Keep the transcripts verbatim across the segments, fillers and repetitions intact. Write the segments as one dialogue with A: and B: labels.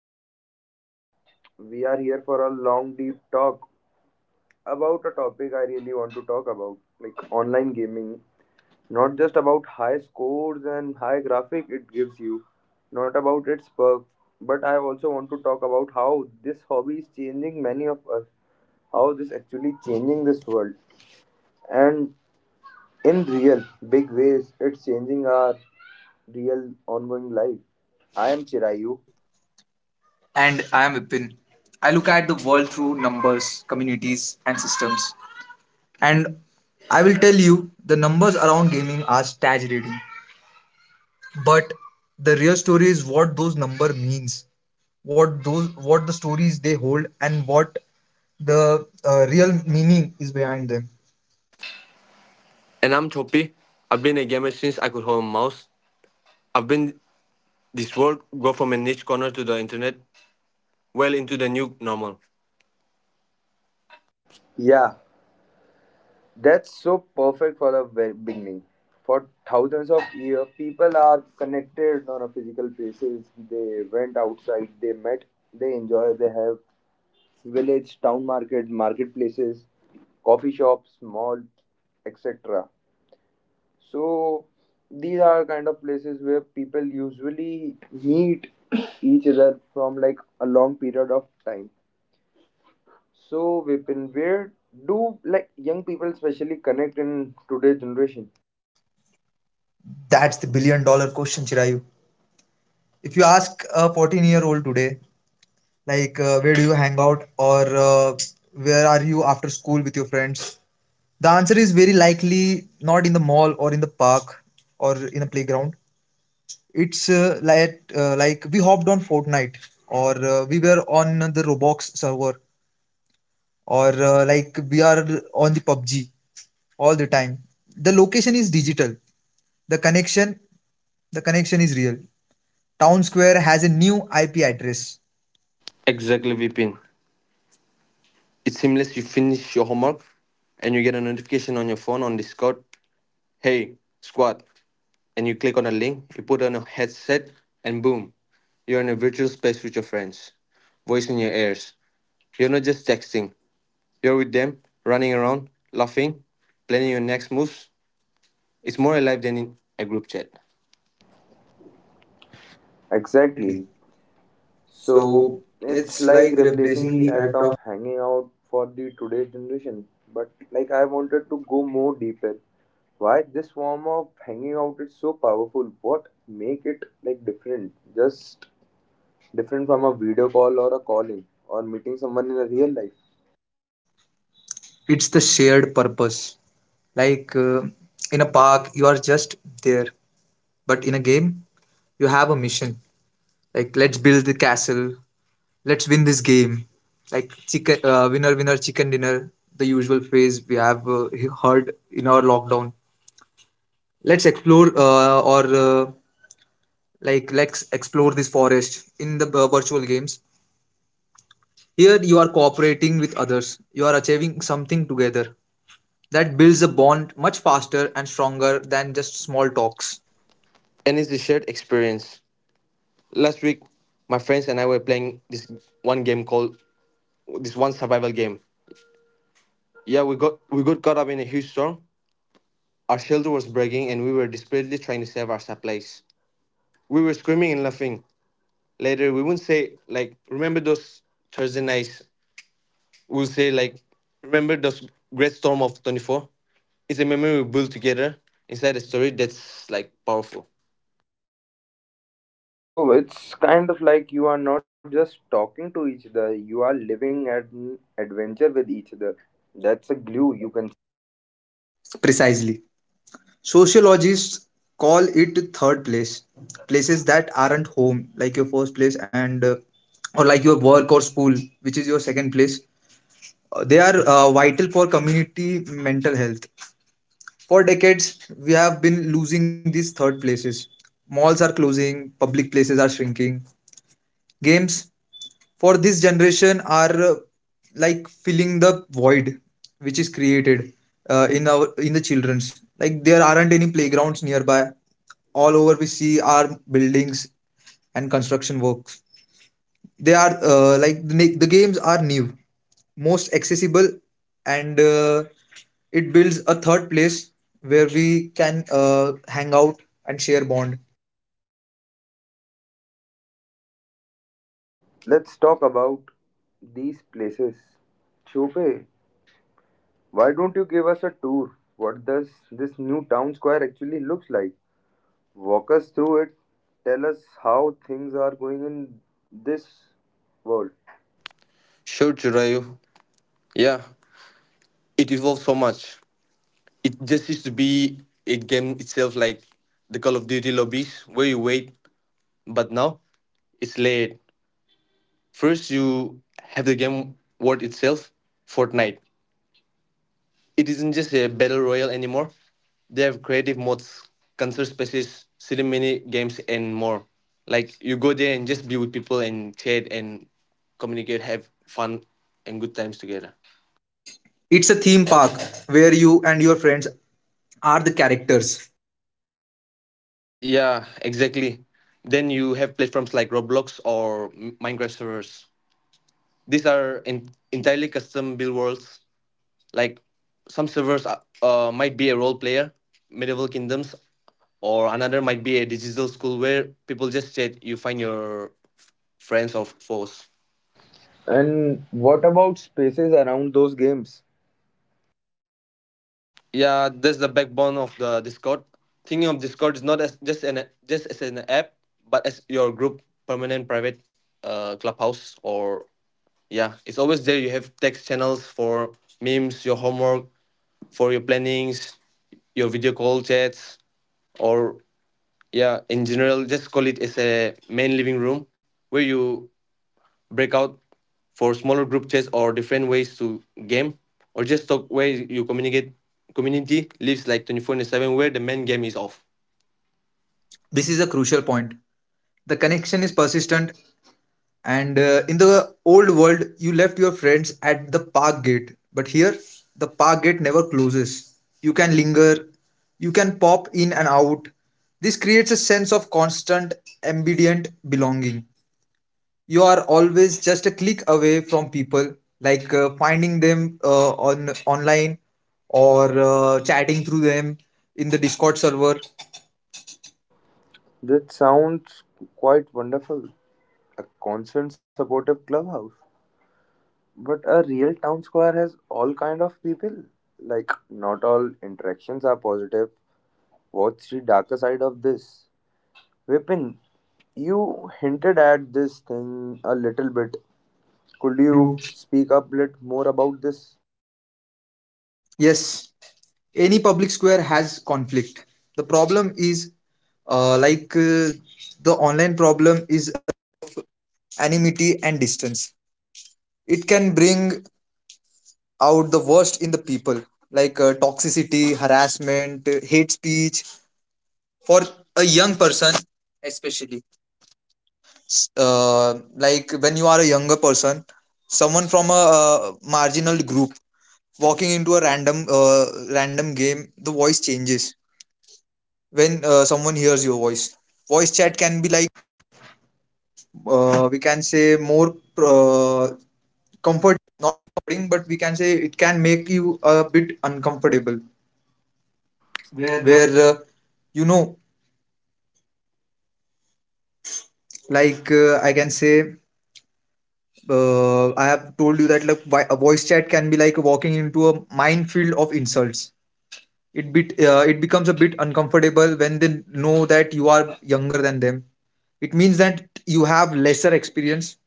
A: today we are here for a long deep talk about a topic I really want to talk about like online gaming. Not just about high scores and high graphic it gives you, not about its perks, but I also want to talk about how this hobby is changing many of us, how this actually changing this world and in real big ways it's changing our real ongoing life. I am Chirayu.
B: And I am Vipin. I look at the world through numbers, communities, and systems. And I will tell you the numbers around gaming are staggering. But the real story is what those number means, what those what the stories they hold, and what the uh, real meaning is behind them.
C: And I'm Choppy. I've been a gamer since I could hold a mouse. I've been this world go from a niche corner to the internet, well into the new normal.
A: Yeah, that's so perfect for the very beginning. For thousands of years, people are connected on a physical basis. They went outside, they met, they enjoy, they have village, town market, marketplaces, coffee shops, malls, et cetera. So these are kind of places where people usually meet each other from like a long period of time. So Vipin, where do like young people especially connect in today's generation?
B: That's the billion dollar question, Chirayu. If you ask a fourteen year old today, like uh, where do you hang out or uh, where are you after school with your friends? The answer is very likely not in the mall or in the park or in a playground. It's uh, like uh, Like we hopped on Fortnite or uh, we were on the Roblox server or uh, like we are on the P U B G all the time. The location is digital. The connection the connection is real. Town Square has a new I P address.
C: Exactly, Vipin. It's seamless. You finish your homework, and you get a notification on your phone on Discord. Hey, squad! And you click on a link. You put on a headset, and boom, you're in a virtual space with your friends, voice in your ears. You're not just texting. You're with them, running around, laughing, planning your next moves. It's more alive than in a group chat.
A: Exactly.
B: Exactly.
A: So
B: So
A: it's
B: it's
A: like
B: like
A: replacing
B: replacing
A: the
B: the
A: act
B: act of.
A: of hanging out for the today's generation. But like I wanted to go more deeper. Why this form of hanging out is so powerful? What make it like different? Just different from a video call or a calling or meeting someone in a real life.
B: It's the shared purpose. Like uh, in a park, you are just there, but in a game, you have a mission. Like let's build the castle, let's win this game. Like chicken uh, winner, winner, chicken dinner. The usual phrase we have uh, heard in our lockdown. Let's explore uh, or uh, Like let's explore this forest in the uh, virtual games. Here you are cooperating with others. You are achieving something together that builds a bond much faster and stronger than just small talks.
C: And it's a shared experience. Last week, my friends and I were playing this one game called this one survival game. Yeah, we got we got caught up in a huge storm. Our shelter was breaking, and we were desperately trying to save our supplies. We were screaming and laughing. Later, we wouldn't say like, "Remember those Thursday nights?" We'll say like, "Remember those great storm of twenty four?" It's a memory we built together inside a story that's like powerful.
A: So it's kind of like you are not just talking to each other, you are living an adventure with each other. That's a glue you can.
B: Precisely. Sociologists call it third place, places that aren't home, like your first place and uh, or like your work or school, which is your second place. Uh, They are uh, vital for community mental health. For decades, we have been losing these third places. Malls are closing, public places are shrinking, games for this generation are uh, like filling the void which is created uh, in our in the children's, like there aren't any playgrounds nearby. All over we see are buildings and construction works. They are uh, like the, ne- the games are new, most accessible, and uh, it builds a third place where we can uh, hang out and share bond.
A: Let's talk about these places. Chope, why don't you give us a tour? What does this new town square actually looks like? Walk us through it. Tell us how things are going in this world.
C: Sure, Chirayu. Yeah, it evolved so much. It just used to be a game itself, like the Call of Duty lobbies where you wait, but now it's layered. First, you have the game world itself. Fortnite, it isn't just a battle royale anymore. They have creative modes, concert spaces, city mini games, and more. Like, you go there and just be with people and chat and communicate, have fun and good times together.
B: It's a theme park where you and your friends are the characters.
C: Yeah, exactly. Then you have platforms like Roblox or M- Minecraft servers. These are en- entirely custom build worlds. Like, some servers are, uh, might be a role player, medieval kingdoms, or another might be a digital school where people just chat. You find your f- friends or foes.
A: And what about spaces around those games?
C: Yeah, that's the backbone of the Discord. Thinking of Discord is not as just an just as an app, but as your group permanent private uh, clubhouse, or yeah, it's always there. You have text channels for memes, your homework, for your plannings, your video call chats, or yeah, in general just call it as a main living room where you break out for smaller group chats or different ways to game or just talk where you communicate. Community lives like twenty four seven where the main game is off.
B: This is a crucial point. The connection is persistent, and uh, in the old world, you left your friends at the park gate. But here, the park gate never closes. You can linger, you can pop in and out. This creates a sense of constant, ambient belonging. You are always just a click away from people, like uh, finding them uh, on online or uh, chatting through them in the Discord server.
A: That sounds quite wonderful. A constant supportive clubhouse. But a real town square has all kind of people. Like not all interactions are positive. What's the darker side of this? Vipin, you hinted at this thing a little bit. Could
B: Would
A: you
B: you?
A: speak up a little more about this?
B: Yes, any public square has conflict. The problem is, uh, like uh, the online uncomfortable,
C: Yeah,
B: where
C: no.
B: uh, you know, like uh, I can say, uh, I have told you that, like, wi- a voice chat can be like walking into a minefield of insults. It bit uh, it becomes a bit uncomfortable when they know that you are younger than them. It means that you have lesser experience,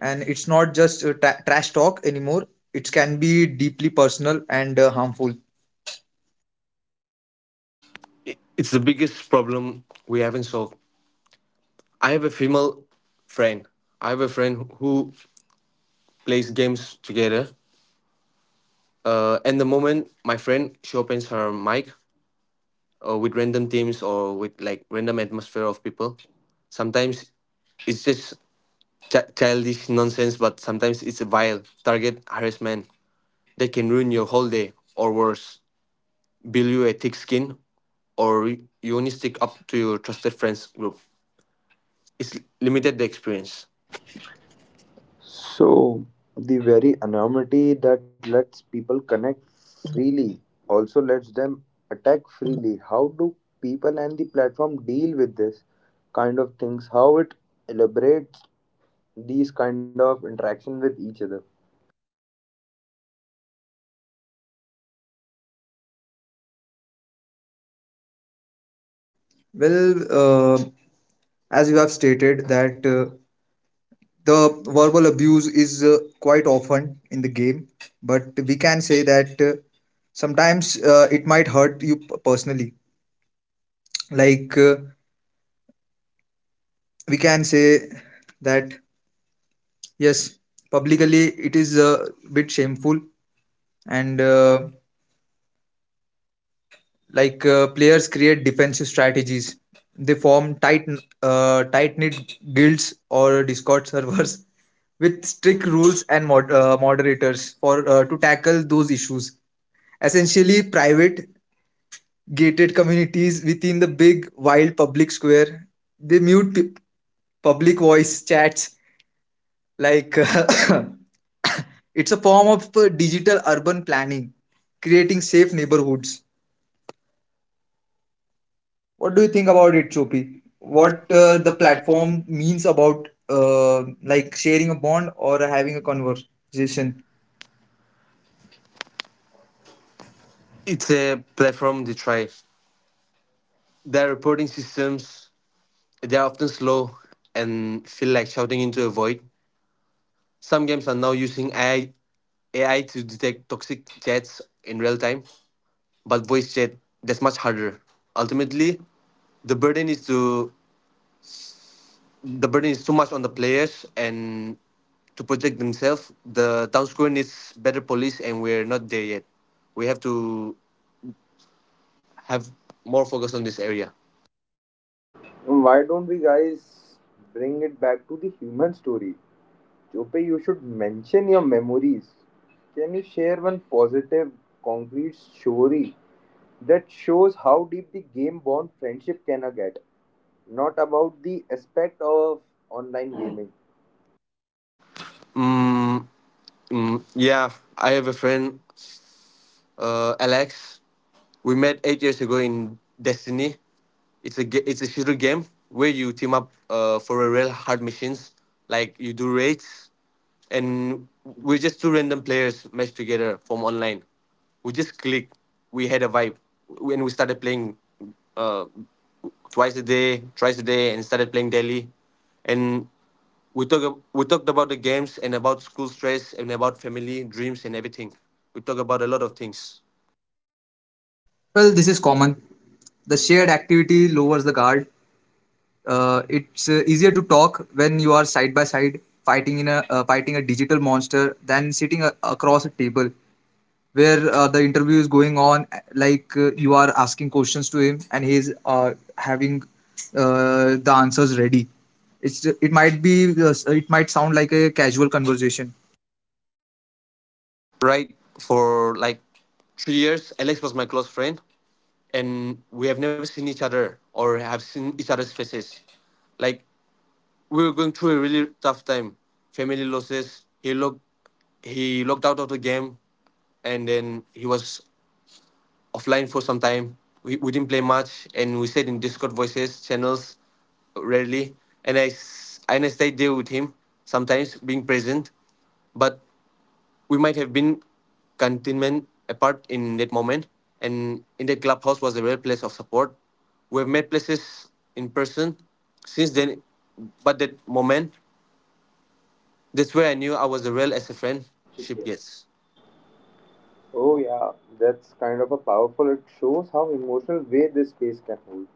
B: and it's not just uh, tra- trash talk anymore. It can be deeply personal and uh, harmful.
C: it- It's the biggest problem we haven't solved. I have a female friend. I have a friend who plays games together. Uh, and the moment my friend she opens her mic, or with random teams or with like random atmosphere of people. Sometimes it's just ch- childish nonsense, but sometimes it's a vile target harassment that can ruin your whole day, or worse, build you a thick skin, or you only stick up to your trusted friends group. It's limited the experience.
A: So, the very anonymity that lets people connect freely also lets them attack freely. How do people and the platform deal with this kind of things? How it elaborates these kind of interaction with each other?
B: well uh, as you have stated that, uh, the verbal abuse is uh, quite often in the game, but we can say that uh, sometimes uh, it might hurt you p- personally. Like, we can say that yes, publicly it is a bit shameful, and uh, like uh, players create defensive strategies. They form tight, uh, tight-knit guilds or Discord servers with strict rules and mod- uh, moderators for uh, to tackle those issues, essentially private gated communities within the big wild public square. They mute p- public voice chats, like it's a form of uh, digital urban planning, creating safe neighborhoods. What do you think about it, Chopi?
C: What
B: What
C: uh,
B: uh,
C: the
B: the
C: platform
B: platform means about, uh, like sharing a bond or having a conversation?
C: it's a platform to try. Their reporting systems, they are often slow and feel like shouting into a void. Some games are now using A I AI to detect toxic chats in real time, but voice chat, that's much harder. Ultimately, the burden is to the burden is too much on the players and to protect themselves. The town square needs better police, and we're not there yet. We have to have more focus on this area.
A: Why don't we guys bring it back to the human story? Jope, you should mention your memories. Can you share one positive, concrete story that shows how deep the game bond friendship can get? Not about the aspect of online gaming.
C: Mm, mm, yeah, I have a friend, uh, Alex. We met eight years ago in Destiny. It's a ga- it's a shooter game where you team up uh, for a real hard missions. Like, you do raids, and we're just two random players matched together from online. We just clicked. We had a vibe when we started playing uh, twice a day, thrice a day, and started playing daily. And we talk we talked about the games and about school stress and about family dreams and everything. We talk about a lot of things.
B: Well, this is common. The shared activity lowers the guard. Uh, it's uh, easier to talk when you are side by side fighting in a uh, fighting a digital monster than sitting a- across a table where, uh, the interview is going on, uh, like uh, you are asking questions to him and he's uh, having uh, the answers ready. It's it might be, uh, it might sound like a casual conversation.
C: Right? For like three years, Alex was my close friend, and we have never seen each other or have seen each other's faces. Like, we were going through a really tough time, family losses. He looked, he locked out of the game, and then he was offline for some time. We, we didn't play much, and we stayed in Discord voices channels rarely, and I s- and I stayed there with him sometimes, being present, but we might have been continent apart in that moment, and in that clubhouse was a real place of support. We have met places in person since then, but that moment, that's where I knew I was a real as a friendship gets.
A: Oh, yeah, that's kind of a powerful. It shows how emotional way this space can hold.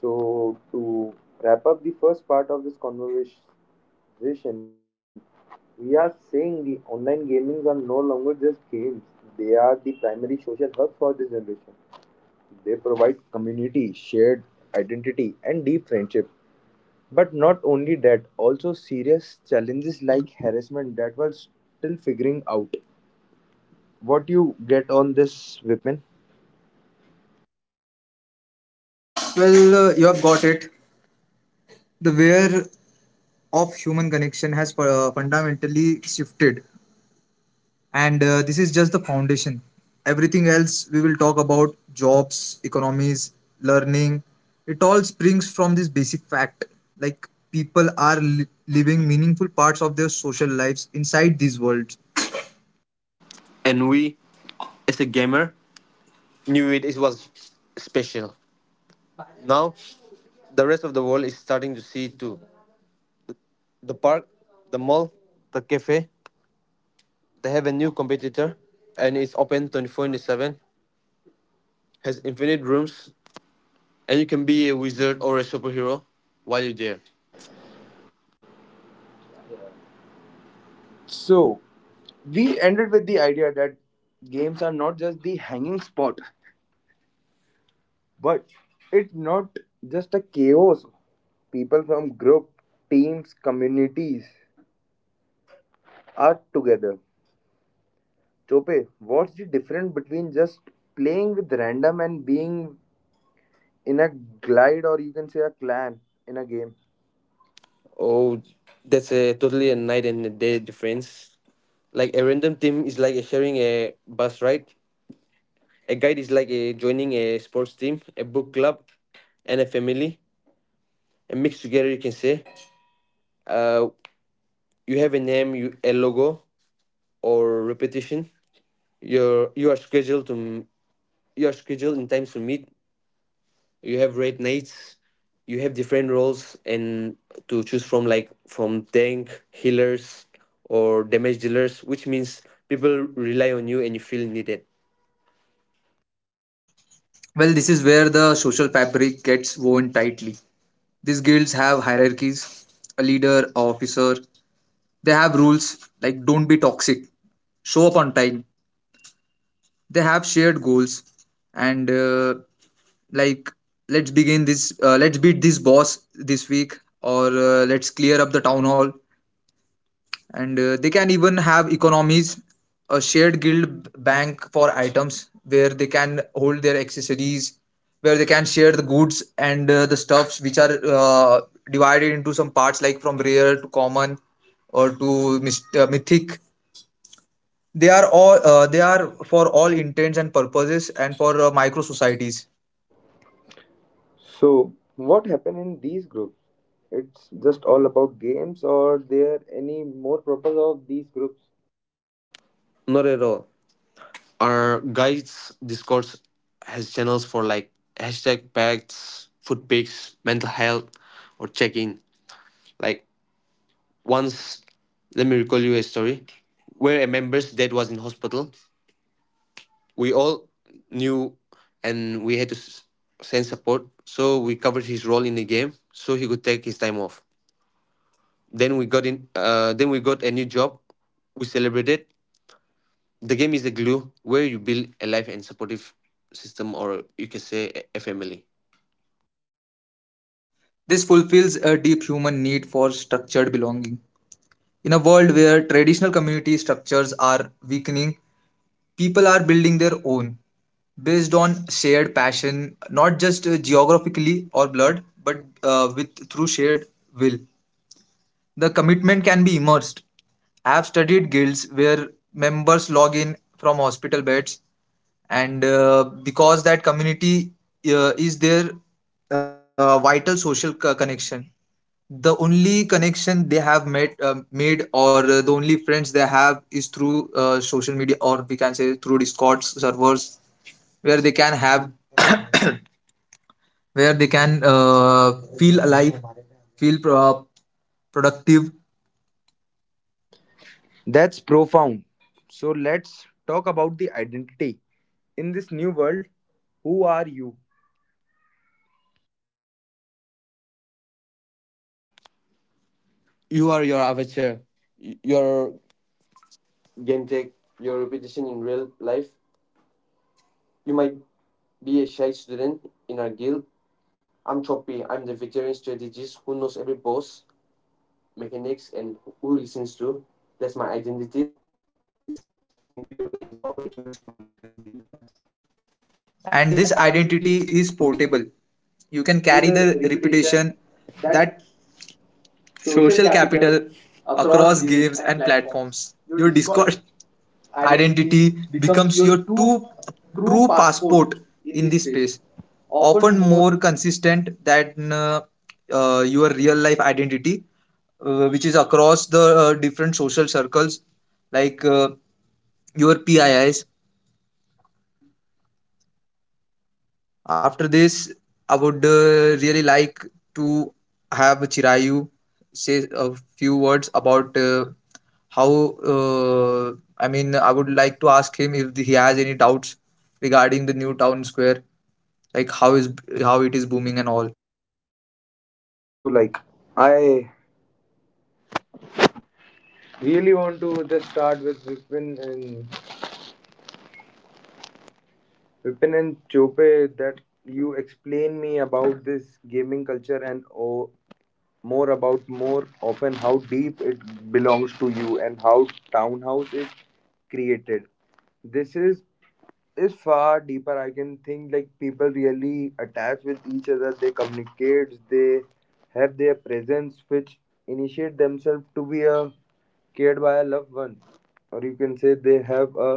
A: So, to wrap up the first part of this conversation, we are saying the online gamings are no longer just games, they are the primary social hub for this generation. They provide community, shared identity, and deep friendship. But not only that, also serious challenges like harassment that were still figuring out. What you get on this, Vipin?
B: Well, uh, you have got it. The where of human connection has uh, fundamentally shifted, and uh, this is just the foundation. Everything else we will talk about: jobs, economies, learning. It all springs from this basic fact, like people are li- living meaningful parts of their social lives inside these worlds.
C: And we, as a gamer, knew it, it was special. Now, the rest of the world is starting to see it too. The park, the mall, the cafe, they have a new competitor, and it's open twenty-four into seven, has infinite rooms. And you can be a wizard or a superhero while you're there.
A: So, we ended with the idea that games are not just the hanging spot. But it's not just a chaos. People from group, teams, communities are together. Chope, what's the difference between just playing with random and being in a glide or you can say a clan in a game?
C: Oh, that's a totally a night and a day difference. Like, a random team is like sharing a bus ride. A guide is like a joining a sports team, a book club, and a family. And mixed together, you can say, uh, you have a name, you, a logo, or repetition. You're you are scheduled to m- you are scheduled in times to meet. You have red knights, you have different roles and to choose from, like from tank healers or damage dealers, which means people rely on you and you feel needed.
B: Well, this is where the social fabric gets woven tightly. These guilds have hierarchies, a leader, a officer. They have rules like don't be toxic, show up on time. They have shared goals and uh, like let's begin this, uh, let's beat this boss this week or uh, let's clear up the town hall. And uh, they can even have economies, a shared guild bank for items where they can hold their accessories, where they can share the goods and uh, the stuffs which are uh, divided into some parts like from rare to common or to mis- uh, mythic. They are all uh, they are for all intents and purposes and for uh, micro societies.
A: So, what happened in these groups? It's just all about games or there any more purpose of these groups?
C: Not at all. Our guides Discord has channels for like hashtag pacts, food picks, mental health, or check-in. Like, once, let me recall you a story where a member's dad was in hospital. We all knew, and we had to s- send support, so we covered his role in the game so he could take his time off. Then we got in. Uh, then we got a new job. We celebrated. The game is a glue where you build a life and supportive system, or you can say a a family.
B: This fulfills a deep human need for structured belonging. In a world where traditional community structures are weakening, people are building their own based on shared passion, not just uh, geographically or blood, but uh, with through shared will. The commitment can be immersed. I have studied guilds where members log in from hospital beds, and uh, because that community uh, is their uh, vital social co- connection. The only connection they have met um made, or uh, the only friends they have is through uh, social media, or we can say through Discord servers where can have where they can uh, feel alive, feel pro- productive.
A: That's profound. So let's talk about the identity. In this new world, who are you?
C: You are your avatar, y- your game tech, your repetition in real life. You might be a shy student in our guild. I'm Choppy. I'm the veteran strategist who knows every boss mechanics and who listens to. That's my identity. It's incredibly empowering.
B: And
C: And
B: this
C: this
B: identity
C: identity
B: is
C: is
B: portable.
C: portable.
B: You
C: You
B: can
C: can
A: Carry
B: carry
C: carry
B: the
A: the
C: the
A: reputation,
B: reputation,
A: that
B: that social
A: social
B: capital,
A: capital
B: across
A: across
B: games
A: games
B: and
A: and platforms.
B: platforms. Your
A: Your
B: Discord
A: Discord
B: identity
A: identity
B: becomes
A: becomes
B: your
A: your
B: two,
A: true,
B: true
A: true
B: passport
A: passport
B: in
A: in
B: this
A: this space.
B: space, often
A: Often more.
B: more consistent than, uh, uh, your real life identity, uh, which is across the uh, different social circles like, uh, your P I Is. After this, I would uh, really like to have Chirayu say a few words about, uh, how. Uh, I mean, I would like to ask him if he has any doubts regarding the new town square, like how is how it is booming and all.
A: So like I really want to just start with Vipin and Vipin and Chope that you explain me about this gaming culture and oh, more about more often how deep it belongs to you and how townhouse is created. This is is far deeper I can think like people really attach with each other, they communicate, they have their presence which initiate themselves to be a cared by a loved one, or you can say they have a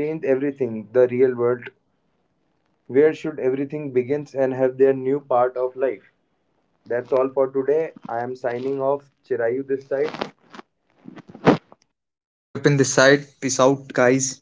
A: changed everything the real world where should everything begins and have their new part of life. That's all for today. I am signing off. Chirayu this side.
B: Weapon this side. Peace out, guys.